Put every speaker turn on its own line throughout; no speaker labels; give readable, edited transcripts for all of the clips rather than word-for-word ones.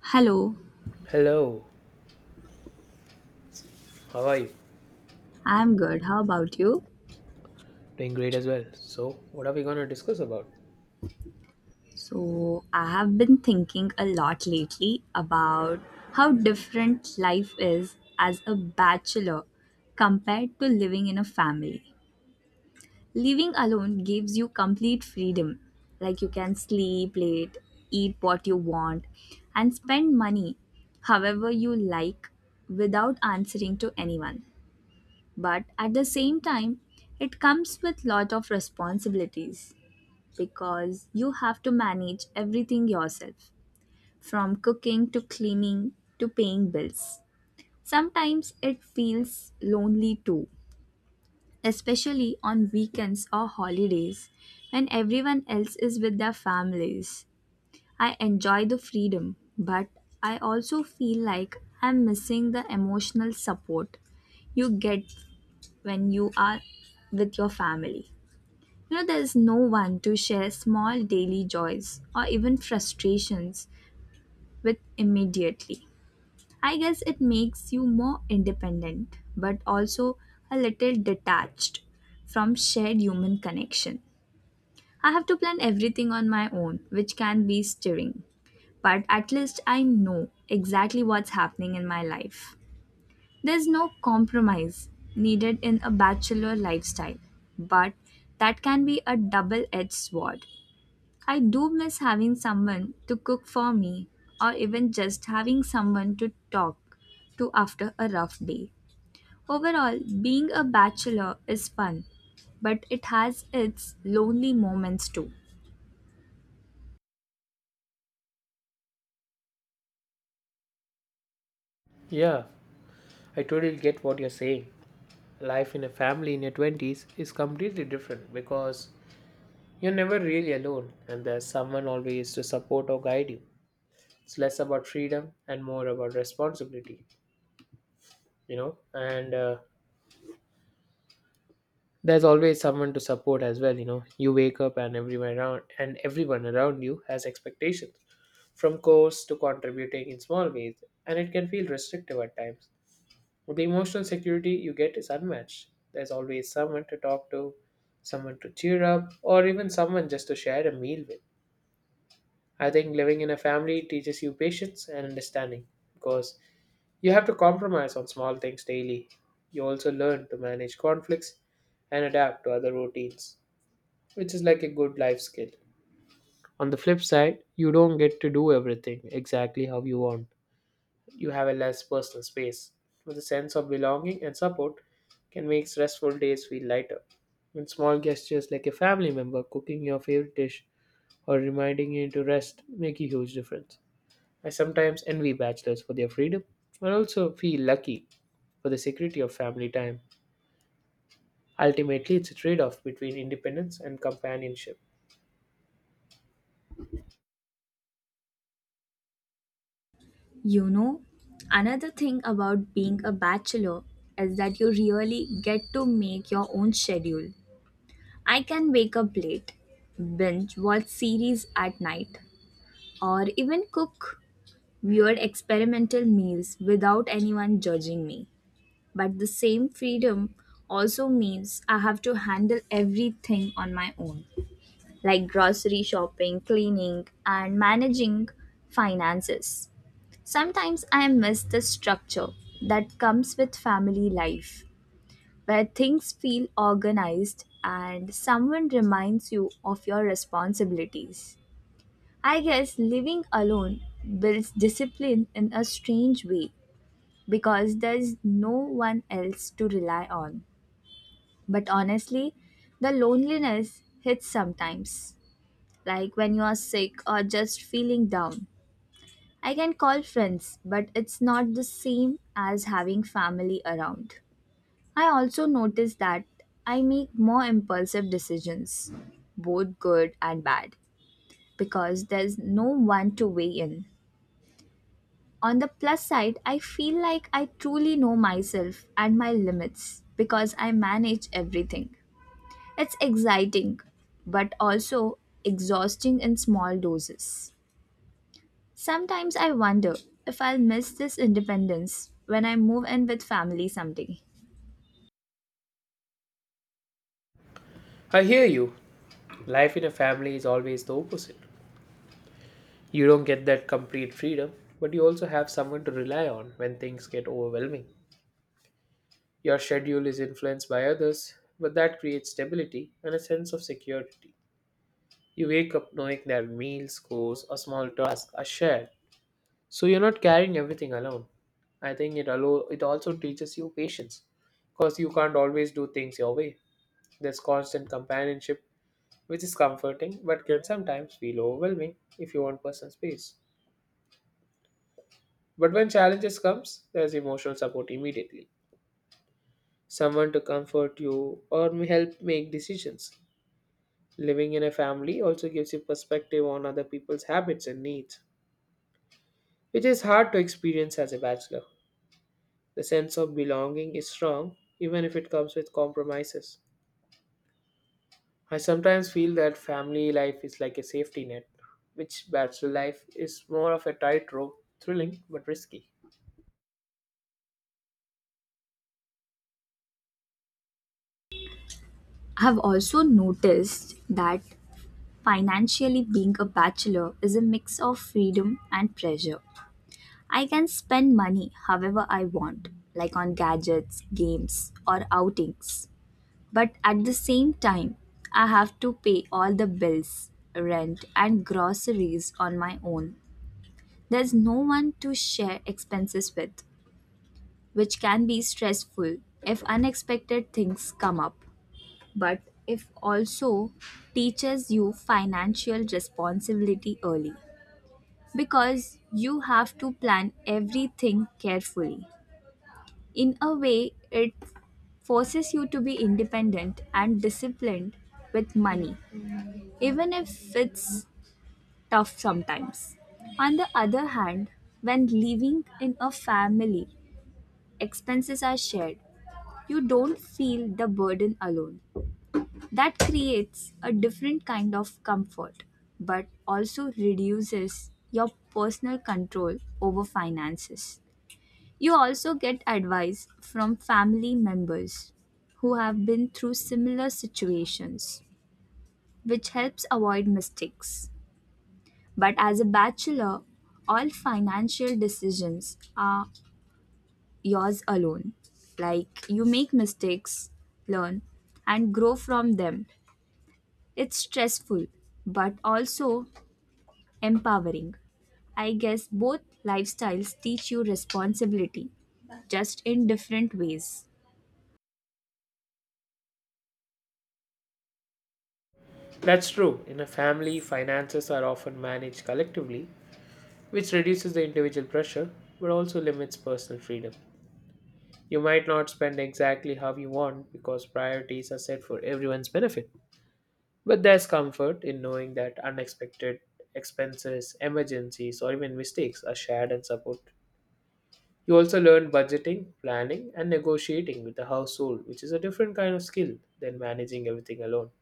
Hello,
Hello, how are you?
I'm good. How about you?
Doing great as well. So, what are we going to discuss about?
So, I have been thinking a lot lately about how different life is as a bachelor compared to living in a family. Living alone gives you complete freedom. Like, you can sleep late, eat what you want, and spend money however you like without answering to anyone. But at the same time, it comes with lot of responsibilities because you have to manage everything yourself from cooking to cleaning to paying bills. Sometimes it feels lonely too, especially on weekends or holidays when everyone else is with their families. I enjoy the freedom, but I also feel like I'm missing the emotional support you get when you are with your family. There's no one to share small daily joys or even frustrations with immediately. I guess it makes you more independent, but also a little detached from shared human connection. I have to plan everything on my own, which can be stirring, but at least I know exactly what's happening in my life. There's no compromise needed in a bachelor lifestyle, but that can be a double edged sword. I do miss having someone to cook for me or even just having someone to talk to after a rough day. Overall, being a bachelor is fun, but it has its lonely moments too.
Yeah, I totally get what you're saying. Life in a family in your 20s is completely different because you're never really alone and there's someone always to support or guide you. It's less about freedom and more about responsibility, and there's always someone to support as well, you know. You wake up and everyone around you has expectations from course to contributing in small ways, and it can feel restrictive at times. The emotional security you get is unmatched. There's always someone to talk to, someone to cheer up, or even someone just to share a meal with. I think living in a family teaches you patience and understanding because you have to compromise on small things daily. You also learn to manage conflicts and adapt to other routines, which is like a good life skill. On the flip side, you don't get to do everything exactly how you want, you have a less personal space. With a sense of belonging and support can make stressful days feel lighter. And small gestures like a family member cooking your favorite dish or reminding you to rest make a huge difference. I sometimes envy bachelors for their freedom, but also feel lucky for the security of family time. Ultimately, it's a trade off between independence and companionship.
You know, Another thing about being a bachelor is that you really get to make your own schedule. I can wake up late, binge watch series at night, or even cook weird experimental meals without anyone judging me. But the same freedom also means I have to handle everything on my own, like grocery shopping, cleaning, and managing finances. Sometimes I miss the structure that comes with family life, where things feel organized and someone reminds you of your responsibilities. I guess living alone builds discipline in a strange way because there's no one else to rely on. But honestly, the loneliness hits sometimes, like when you are sick or just feeling down. I can call friends, but it's not the same as having family around. I also notice that I make more impulsive decisions, both good and bad, because there's no one to weigh in. On the plus side, I feel like I truly know myself and my limits because I manage everything. It's exciting, but also exhausting in small doses. Sometimes I wonder if I'll miss this independence when I move in with family someday.
I hear you. Life in a family is always the opposite. You don't get that complete freedom, but you also have someone to rely on when things get overwhelming. Your schedule is influenced by others, but that creates stability and a sense of security. You wake up knowing that meals, chores, or small tasks are shared, so you're not carrying everything alone. I think it also teaches you patience, because you can't always do things your way. There's constant companionship, which is comforting, but can sometimes feel overwhelming if you want personal space. But when challenges comes, there's emotional support immediately. Someone to comfort you or may help make decisions. Living in a family also gives you perspective on other people's habits and needs, which is hard to experience as a bachelor. The sense of belonging is strong even if it comes with compromises. I sometimes feel that family life is like a safety net, which bachelor life is more of a tightrope, thrilling but risky.
I've also noticed that financially being a bachelor is a mix of freedom and pressure. I can spend money however I want, like on gadgets, games, or outings. But at the same time, I have to pay all the bills, rent, and groceries on my own. There's no one to share expenses with, which can be stressful if unexpected things come up. But if also teaches you financial responsibility early because you have to plan everything carefully. In a way, it forces you to be independent and disciplined with money, even if it's tough sometimes. On the other hand, when living in a family, expenses are shared. You don't feel the burden alone. That creates a different kind of comfort, but also reduces your personal control over finances. You also get advice from family members who have been through similar situations, which helps avoid mistakes. But as a bachelor, all financial decisions are yours alone. Like you make mistakes, learn, and grow from them. It's stressful, but also empowering. I guess both lifestyles teach you responsibility, just in different ways.
That's true. In a family, finances are often managed collectively, which reduces the individual pressure but also limits personal freedom. You might not spend exactly how you want because priorities are set for everyone's benefit. But there's comfort in knowing that unexpected expenses, emergencies, or even mistakes are shared and supported. You also learn budgeting, planning, and negotiating with the household, which is a different kind of skill than managing everything alone.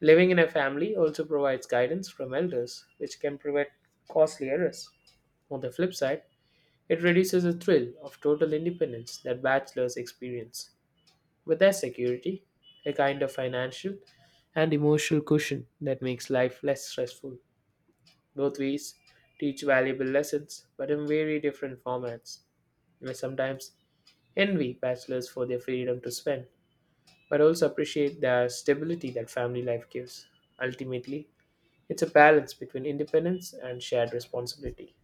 Living in a family also provides guidance from elders, which can prevent costly errors. On the flip side, it reduces the thrill of total independence that bachelors experience. With their security, a kind of financial and emotional cushion that makes life less stressful. Both ways teach valuable lessons, but in very different formats. I sometimes envy bachelors for their freedom to spend, but also appreciate the stability that family life gives. Ultimately, it's a balance between independence and shared responsibility.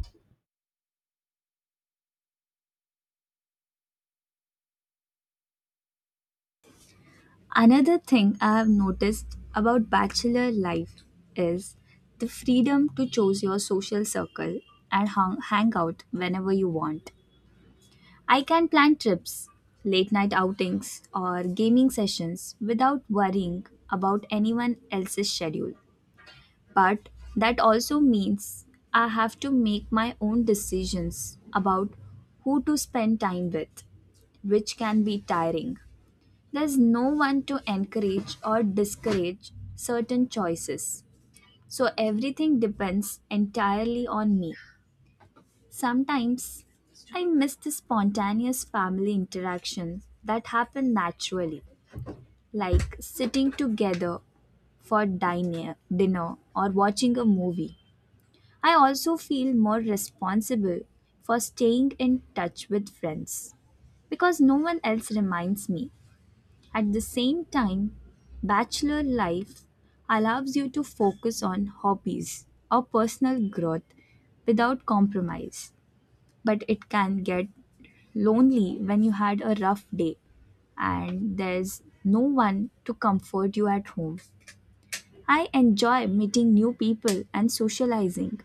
Another thing I have noticed about bachelor life is the freedom to choose your social circle and hang out whenever you want. I can plan trips, late night outings, or gaming sessions without worrying about anyone else's schedule. But that also means I have to make my own decisions about who to spend time with, which can be tiring. There's no one to encourage or discourage certain choices. So everything depends entirely on me. Sometimes I miss the spontaneous family interactions that happen naturally, like sitting together for dinner or watching a movie. I also feel more responsible for staying in touch with friends because no one else reminds me. At the same time, bachelor life allows you to focus on hobbies or personal growth without compromise, but it can get lonely when you had a rough day and there's no one to comfort you at home. I enjoy meeting new people and socializing,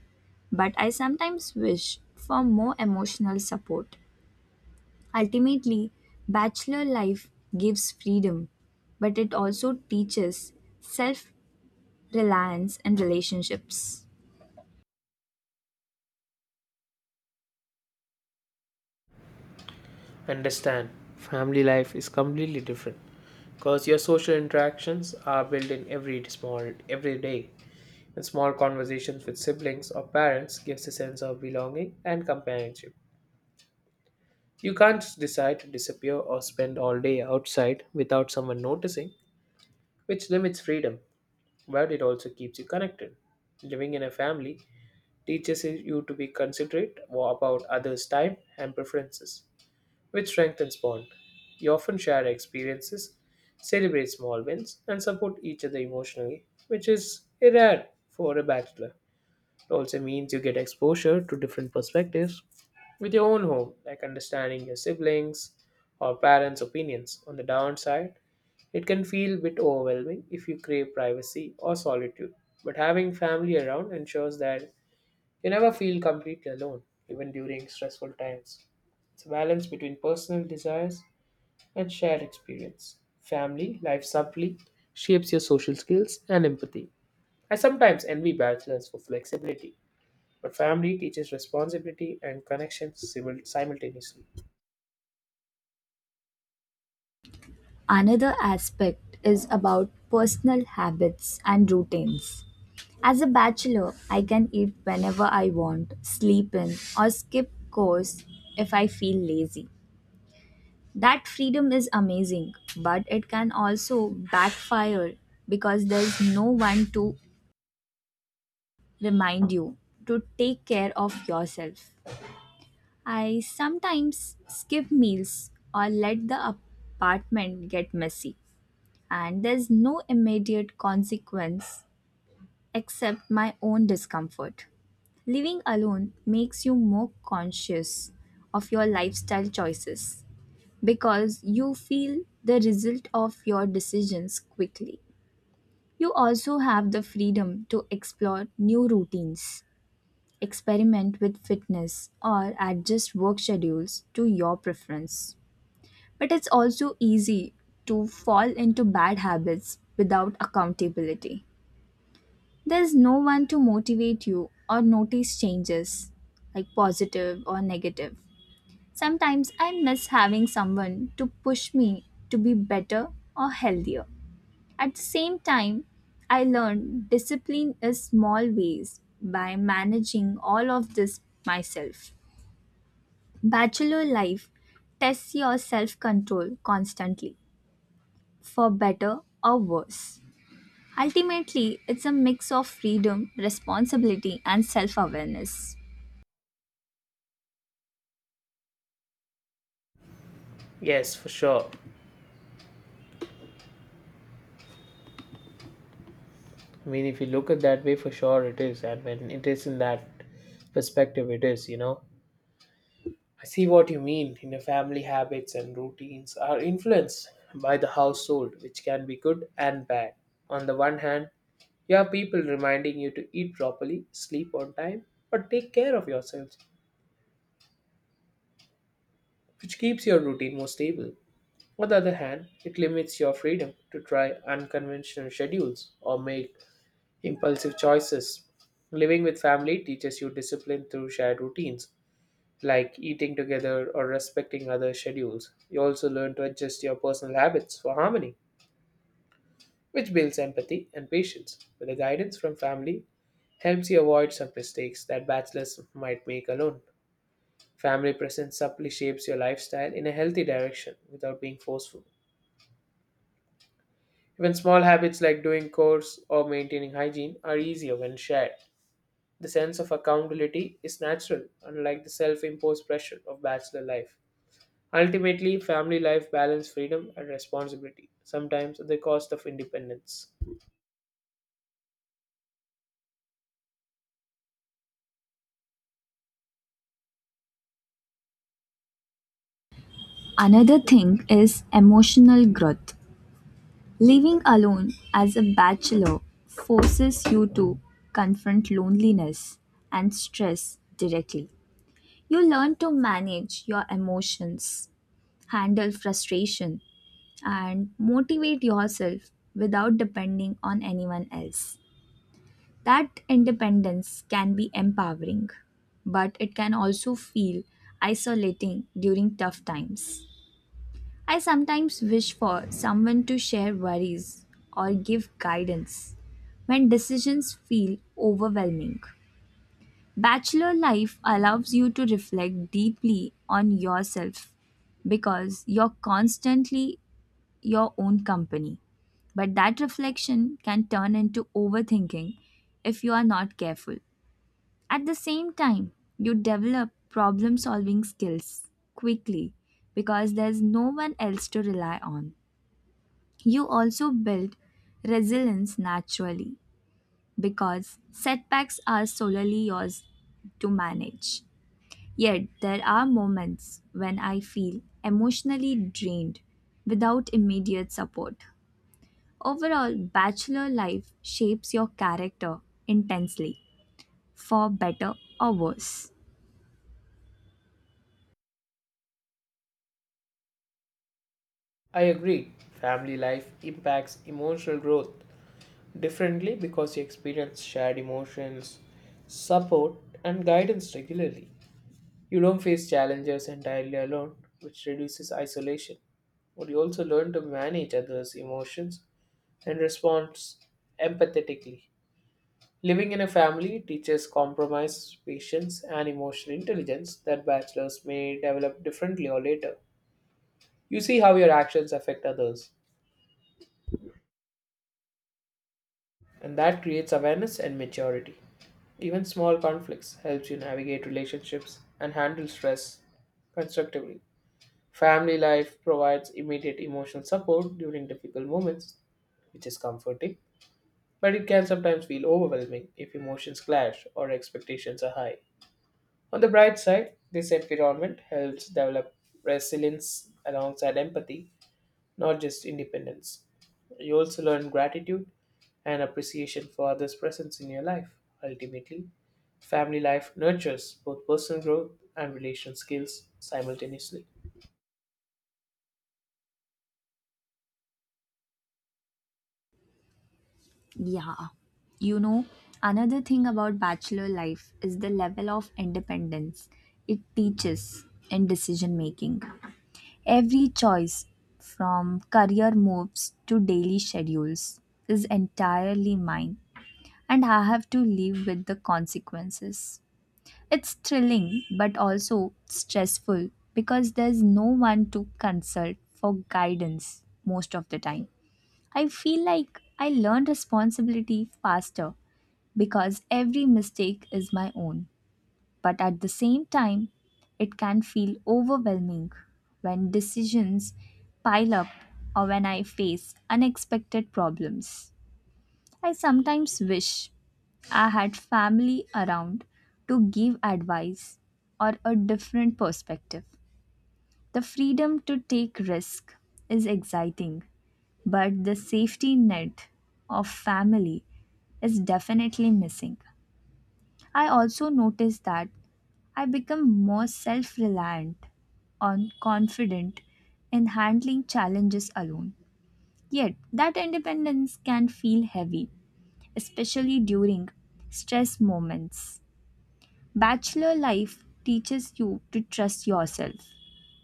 but I sometimes wish for more emotional support. Ultimately, bachelor life gives freedom, but it also teaches self reliance and relationships.
Understand, family life is completely different because your social interactions are built in every small every day, and small conversations with siblings or parents gives a sense of belonging and companionship. You can't just decide to disappear or spend all day outside without someone noticing, which limits freedom, but it also keeps you connected. Living in a family teaches you to be considerate about others time and preferences, which strengthens bond. You often share experiences, celebrate small wins, and support each other emotionally, which is rare for a bachelor. It also means you get exposure to different perspectives with your own home, like understanding your siblings or parents' opinions. On the downside, it can feel a bit overwhelming if you crave privacy or solitude, but having family around ensures that you never feel completely alone, even during stressful times. It's a balance between personal desires and shared experience. Family life subtly shapes your social skills and empathy. I sometimes envy bachelors for flexibility, but family teaches responsibility and connection simultaneously.
Another aspect is about personal habits and routines. As a bachelor, I can eat whenever I want, sleep in, or skip course if I feel lazy. That freedom is amazing, but it can also backfire because there's no one to remind you to take care of yourself. I sometimes skip meals or let the apartment get messy, and there's no immediate consequence except my own discomfort. Living alone makes you more conscious of your lifestyle choices because you feel the result of your decisions quickly. You also have the freedom to explore new routines experiment with fitness or adjust work schedules to your preference. But it's also easy to fall into bad habits without accountability. There's no one to motivate you or notice changes, like positive or negative. Sometimes I miss having someone to push me to be better or healthier. At the same time, I learned discipline is small ways by managing all of this myself. Bachelor life tests your self control constantly, for better or worse. Ultimately, it's a mix of freedom, responsibility, and self awareness.
Yes, for sure. I mean, if you look at that way, for sure it is, and when it is in that perspective, it is. I see what you mean. In a family, habits and routines are influenced by the household, which can be good and bad. On the one hand, you have people reminding you to eat properly, sleep on time, or take care of yourselves, which keeps your routine more stable. On the other hand, it limits your freedom to try unconventional schedules or make impulsive choices. Living with family teaches you discipline through shared routines like eating together or respecting other schedules. You also learn to adjust your personal habits for harmony, which builds empathy and patience. With the guidance from family, helps you avoid some mistakes that bachelors might make alone. Family presence subtly shapes your lifestyle in a healthy direction without being forceful. Even small habits like doing chores or maintaining hygiene are easier when shared. The sense of accountability is natural, unlike the self imposed pressure of bachelor life. Ultimately, family life balances freedom and responsibility, sometimes at the cost of independence.
Another thing is emotional growth. Living alone as a bachelor forces you to confront loneliness and stress directly. You learn to manage your emotions, handle frustration, and motivate yourself without depending on anyone else. That independence can be empowering, but it can also feel isolating during tough times. I sometimes wish for someone to share worries or give guidance when decisions feel overwhelming. Bachelor life allows you to reflect deeply on yourself because you're constantly your own company. But that reflection can turn into overthinking if you are not careful. At the same time, you develop problem solving skills quickly because there's no one else to rely on. You also build resilience naturally because setbacks are solely yours to manage. Yet, there are moments when I feel emotionally drained without immediate support. Overall, bachelor life shapes your character intensely, for better or worse.
I agree, family life impacts emotional growth differently because you experience shared emotions, support, and guidance regularly. You don't face challenges entirely alone, which reduces isolation, but you also learn to manage others' emotions and respond empathetically. Living in a family teaches compromise, patience, and emotional intelligence that bachelors may develop differently or later. You see how your actions affect others, and that creates awareness and maturity. Even small conflicts helps you navigate relationships and handle stress constructively. Family life provides immediate emotional support during difficult moments, which is comforting, but it can sometimes feel overwhelming if emotions clash or expectations are high. On the bright side, this environment helps develop resilience alongside empathy, not just independence. You also learn gratitude and appreciation for others' presence in your life. Ultimately, family life nurtures both personal growth and relational skills simultaneously.
Yeah. You know, Another thing about bachelor life is the level of independence it teaches in decision making. Every choice, from career moves to daily schedules, is entirely mine, and I have to live with the consequences. It's thrilling but also stressful because there's no one to consult for guidance most of the time. I feel like I learned responsibility faster because every mistake is my own. But at the same time, it can feel overwhelming when decisions pile up or when I face unexpected problems. I sometimes wish I had family around to give advice or a different perspective. The freedom to take risk is exciting, but the safety net of family is definitely missing. I also noticed that I become more self-reliant and confident in handling challenges alone. Yet, that independence can feel heavy, especially during stress moments. Bachelor life teaches you to trust yourself,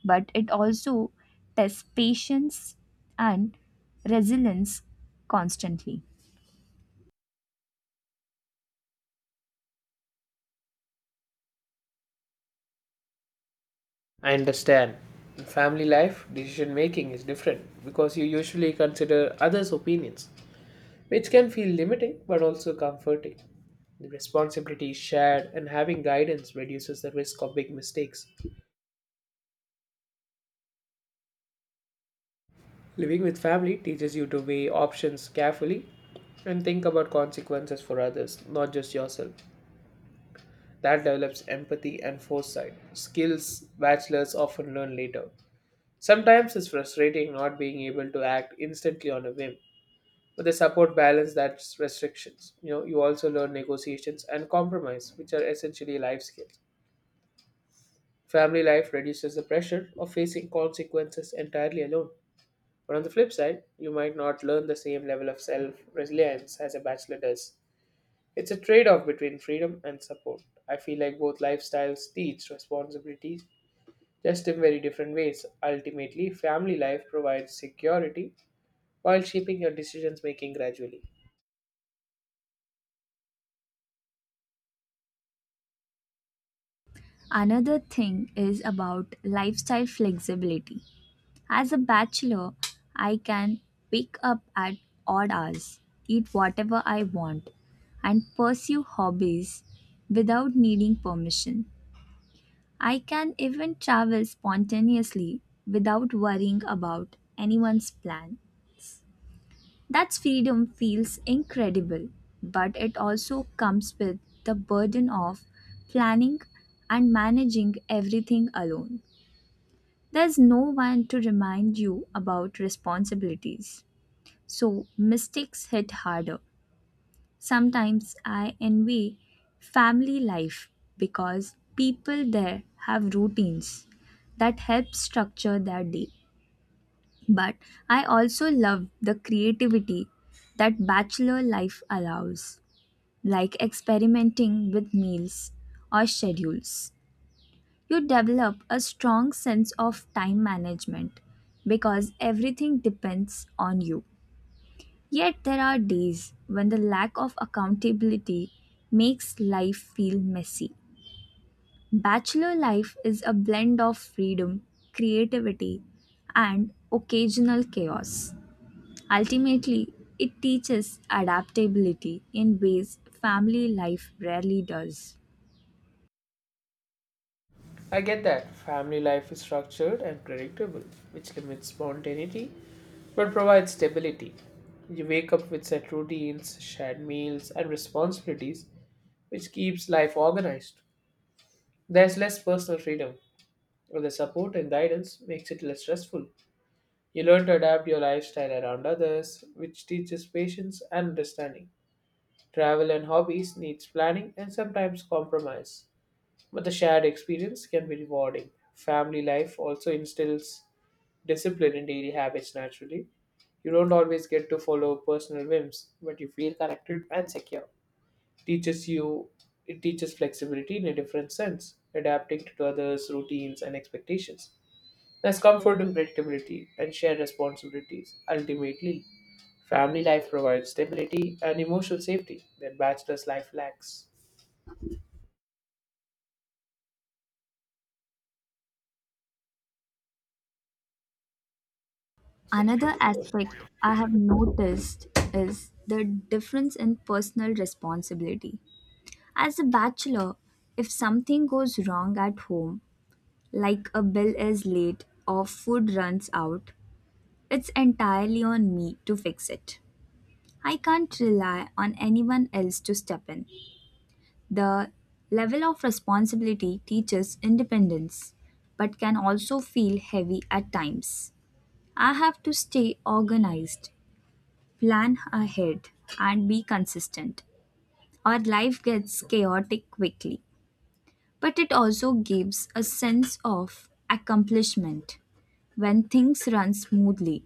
but it also tests patience and resilience constantly.
I understand. In family life, decision making is different because you usually consider others' opinions, which can feel limiting but also comforting. The responsibility is shared, and having guidance reduces the risk of big mistakes. Living with family teaches you to weigh options carefully and think about consequences for others, not just yourself. That develops empathy and foresight, skills bachelors often learn later. Sometimes it's frustrating not being able to act instantly on a whim, but the support balance that's restrictions. You also learn negotiations and compromise, which are essentially life skills. Family life reduces the pressure of facing consequences entirely alone. But on the flip side, you might not learn the same level of self reliance as a bachelor does. It's a trade off between freedom and support. I feel like both lifestyles teach responsibilities, just in very different ways. Ultimately, family life provides security while shaping your decisions making gradually.
Another thing is about lifestyle flexibility. As a bachelor, I can wake up at odd hours, eat whatever I want, and pursue hobbies without needing permission. I can even travel spontaneously without worrying about anyone's plan. That freedom feels incredible, but it also comes with the burden of planning and managing everything alone. There's no one to remind you about responsibilities, so mistakes hit harder. Sometimes I envy family life because people there have routines that help structure their day. But I also love the creativity that bachelor life allows, like experimenting with meals or schedules. You develop a strong sense of time management because everything depends on you. Yet there are days when the lack of accountability makes life feel messy. Bachelor life is a blend of freedom, creativity, and occasional chaos. Ultimately, it teaches adaptability in ways family life rarely does.
I get that family life is structured and predictable, which limits spontaneity but provides stability. You wake up with set routines, shared meals, and responsibilities, which keeps life organized. There's less personal freedom, but the support and guidance makes it less stressful. You learn to adapt your lifestyle around others, which teaches patience and understanding. Travel and hobbies needs planning and sometimes compromise, but the shared experience can be rewarding. Family life also instills discipline in daily habits naturally. You don't always get to follow personal whims, but you feel connected and secure. Teaches you it teaches flexibility in a different sense, adapting to others' routines and expectations. There's comfort in predictability and shared responsibilities. Ultimately, family life provides stability and emotional safety that bachelor's life lacks.
Another aspect I have noticed is the difference in personal responsibility. As a bachelor, if something goes wrong at home, like a bill is late or food runs out, it's entirely on me to fix it. I can't rely on anyone else to step in. The level of responsibility teaches independence, but can also feel heavy at times. I have to stay organized, plan ahead, and be consistent. Our life gets chaotic quickly, but it also gives a sense of accomplishment when things run smoothly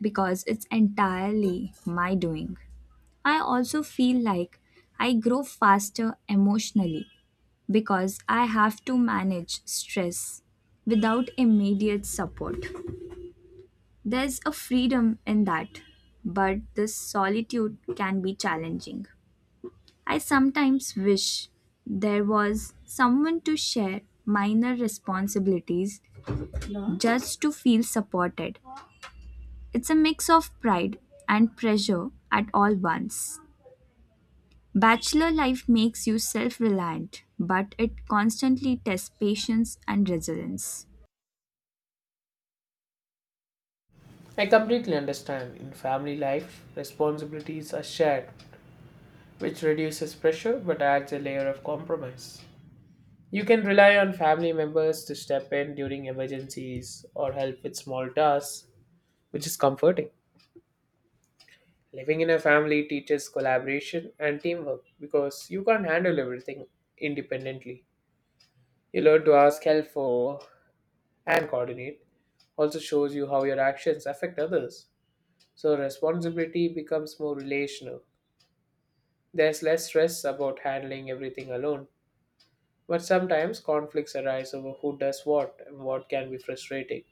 because it's entirely my doing. I also feel like I grow faster emotionally because I have to manage stress without immediate support. There's a freedom in that, but this solitude can be challenging. I sometimes wish there was someone to share minor responsibilities just to feel supported. It's a mix of pride and pressure at all once. Bachelor life makes you self reliant, but it constantly tests patience and resilience.
I completely understand. In family life, responsibilities are shared, which reduces pressure but adds a layer of compromise. You can rely on family members to step in during emergencies or help with small tasks, which is comforting. Living in a family teaches collaboration and teamwork because you can't handle everything independently. You learn to ask help for and coordinate, also shows you how your actions affect others. So responsibility becomes more relational. There's less stress about handling everything alone, but sometimes conflicts arise over who does what and what can be frustrating.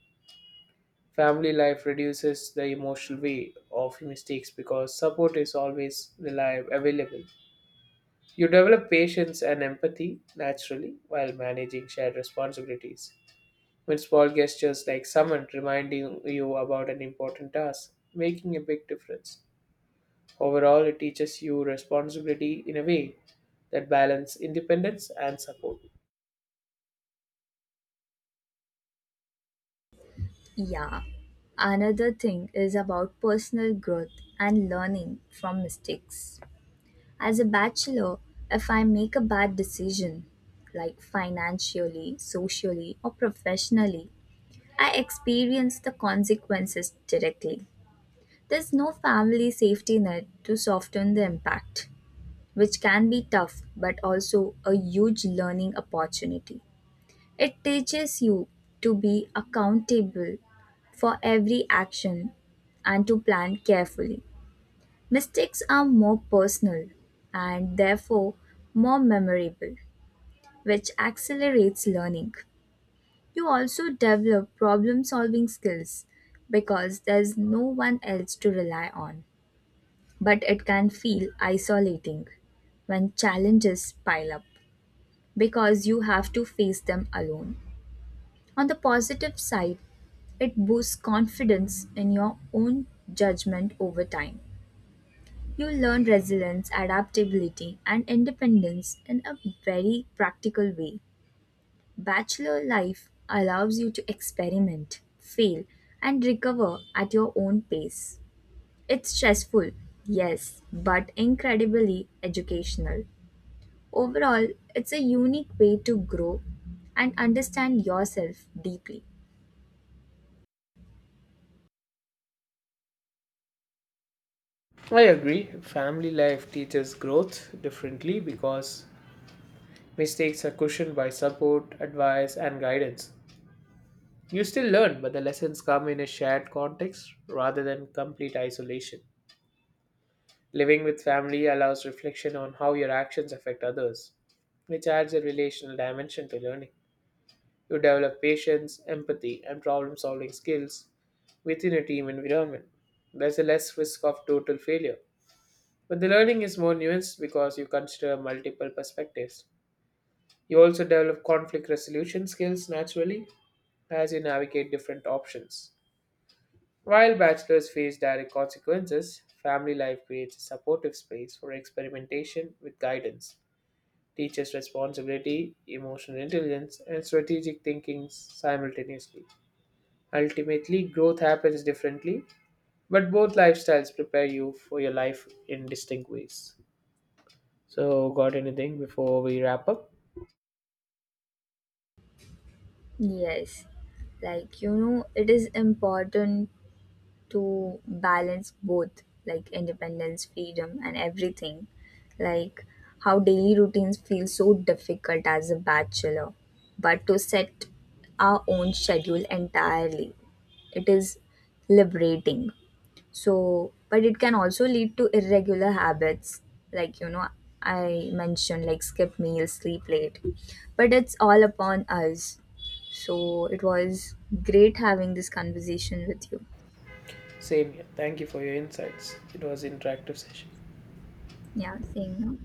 Family life reduces the emotional weight of mistakes because support is always reliable available. You develop patience and empathy naturally while managing shared responsibilities. When small gestures like someone reminding you about an important task, making a big difference. Overall, it teaches you responsibility in a way that balance independence and support.
Yeah. Another thing is about personal growth and learning from mistakes. As a bachelor, if I make a bad decision, like financially, socially, or professionally, I experience the consequences directly. There's no family safety net to soften the impact, which can be tough but also a huge learning opportunity. It teaches you to be accountable for every action and to plan carefully. Mistakes are more personal and therefore more memorable, which accelerates learning. You also develop problem solving skills because there's no one else to rely on. But it can feel isolating when challenges pile up because you have to face them alone. On the positive side, it boosts confidence in your own judgment over time. You learn resilience, adaptability, and independence in a very practical way. Bachelor life allows you to experiment, fail, and recover at your own pace. It's stressful, yes, but incredibly educational. Overall, it's a unique way to grow and understand yourself deeply.
I agree. Family life teaches growth differently because mistakes are cushioned by support, advice, and guidance. You still learn, but the lessons come in a shared context rather than complete isolation. Living with family allows reflection on how your actions affect others, which adds a relational dimension to learning. You develop patience, empathy, and problem solving skills within a team environment. There's a less risk of total failure. But the learning is more nuanced because you consider multiple perspectives. You also develop conflict resolution skills naturally as you navigate different options. While bachelors face direct consequences, family life creates a supportive space for experimentation with guidance, teaches responsibility, emotional intelligence, and strategic thinking simultaneously. Ultimately, growth happens differently, but both lifestyles prepare you for your life in distinct ways. So, got anything before we wrap up?
Yes, like it is important to balance both like independence, freedom, and everything. Like how daily routines feel so difficult as a bachelor, but to set our own schedule entirely, it is liberating. So, but it can also lead to irregular habits, like I mentioned, like skip meals, sleep late. But it's all upon us. So, it was great having this conversation with you.
Same here. Thank you for your insights. It was an interactive session.
Yeah, same. No.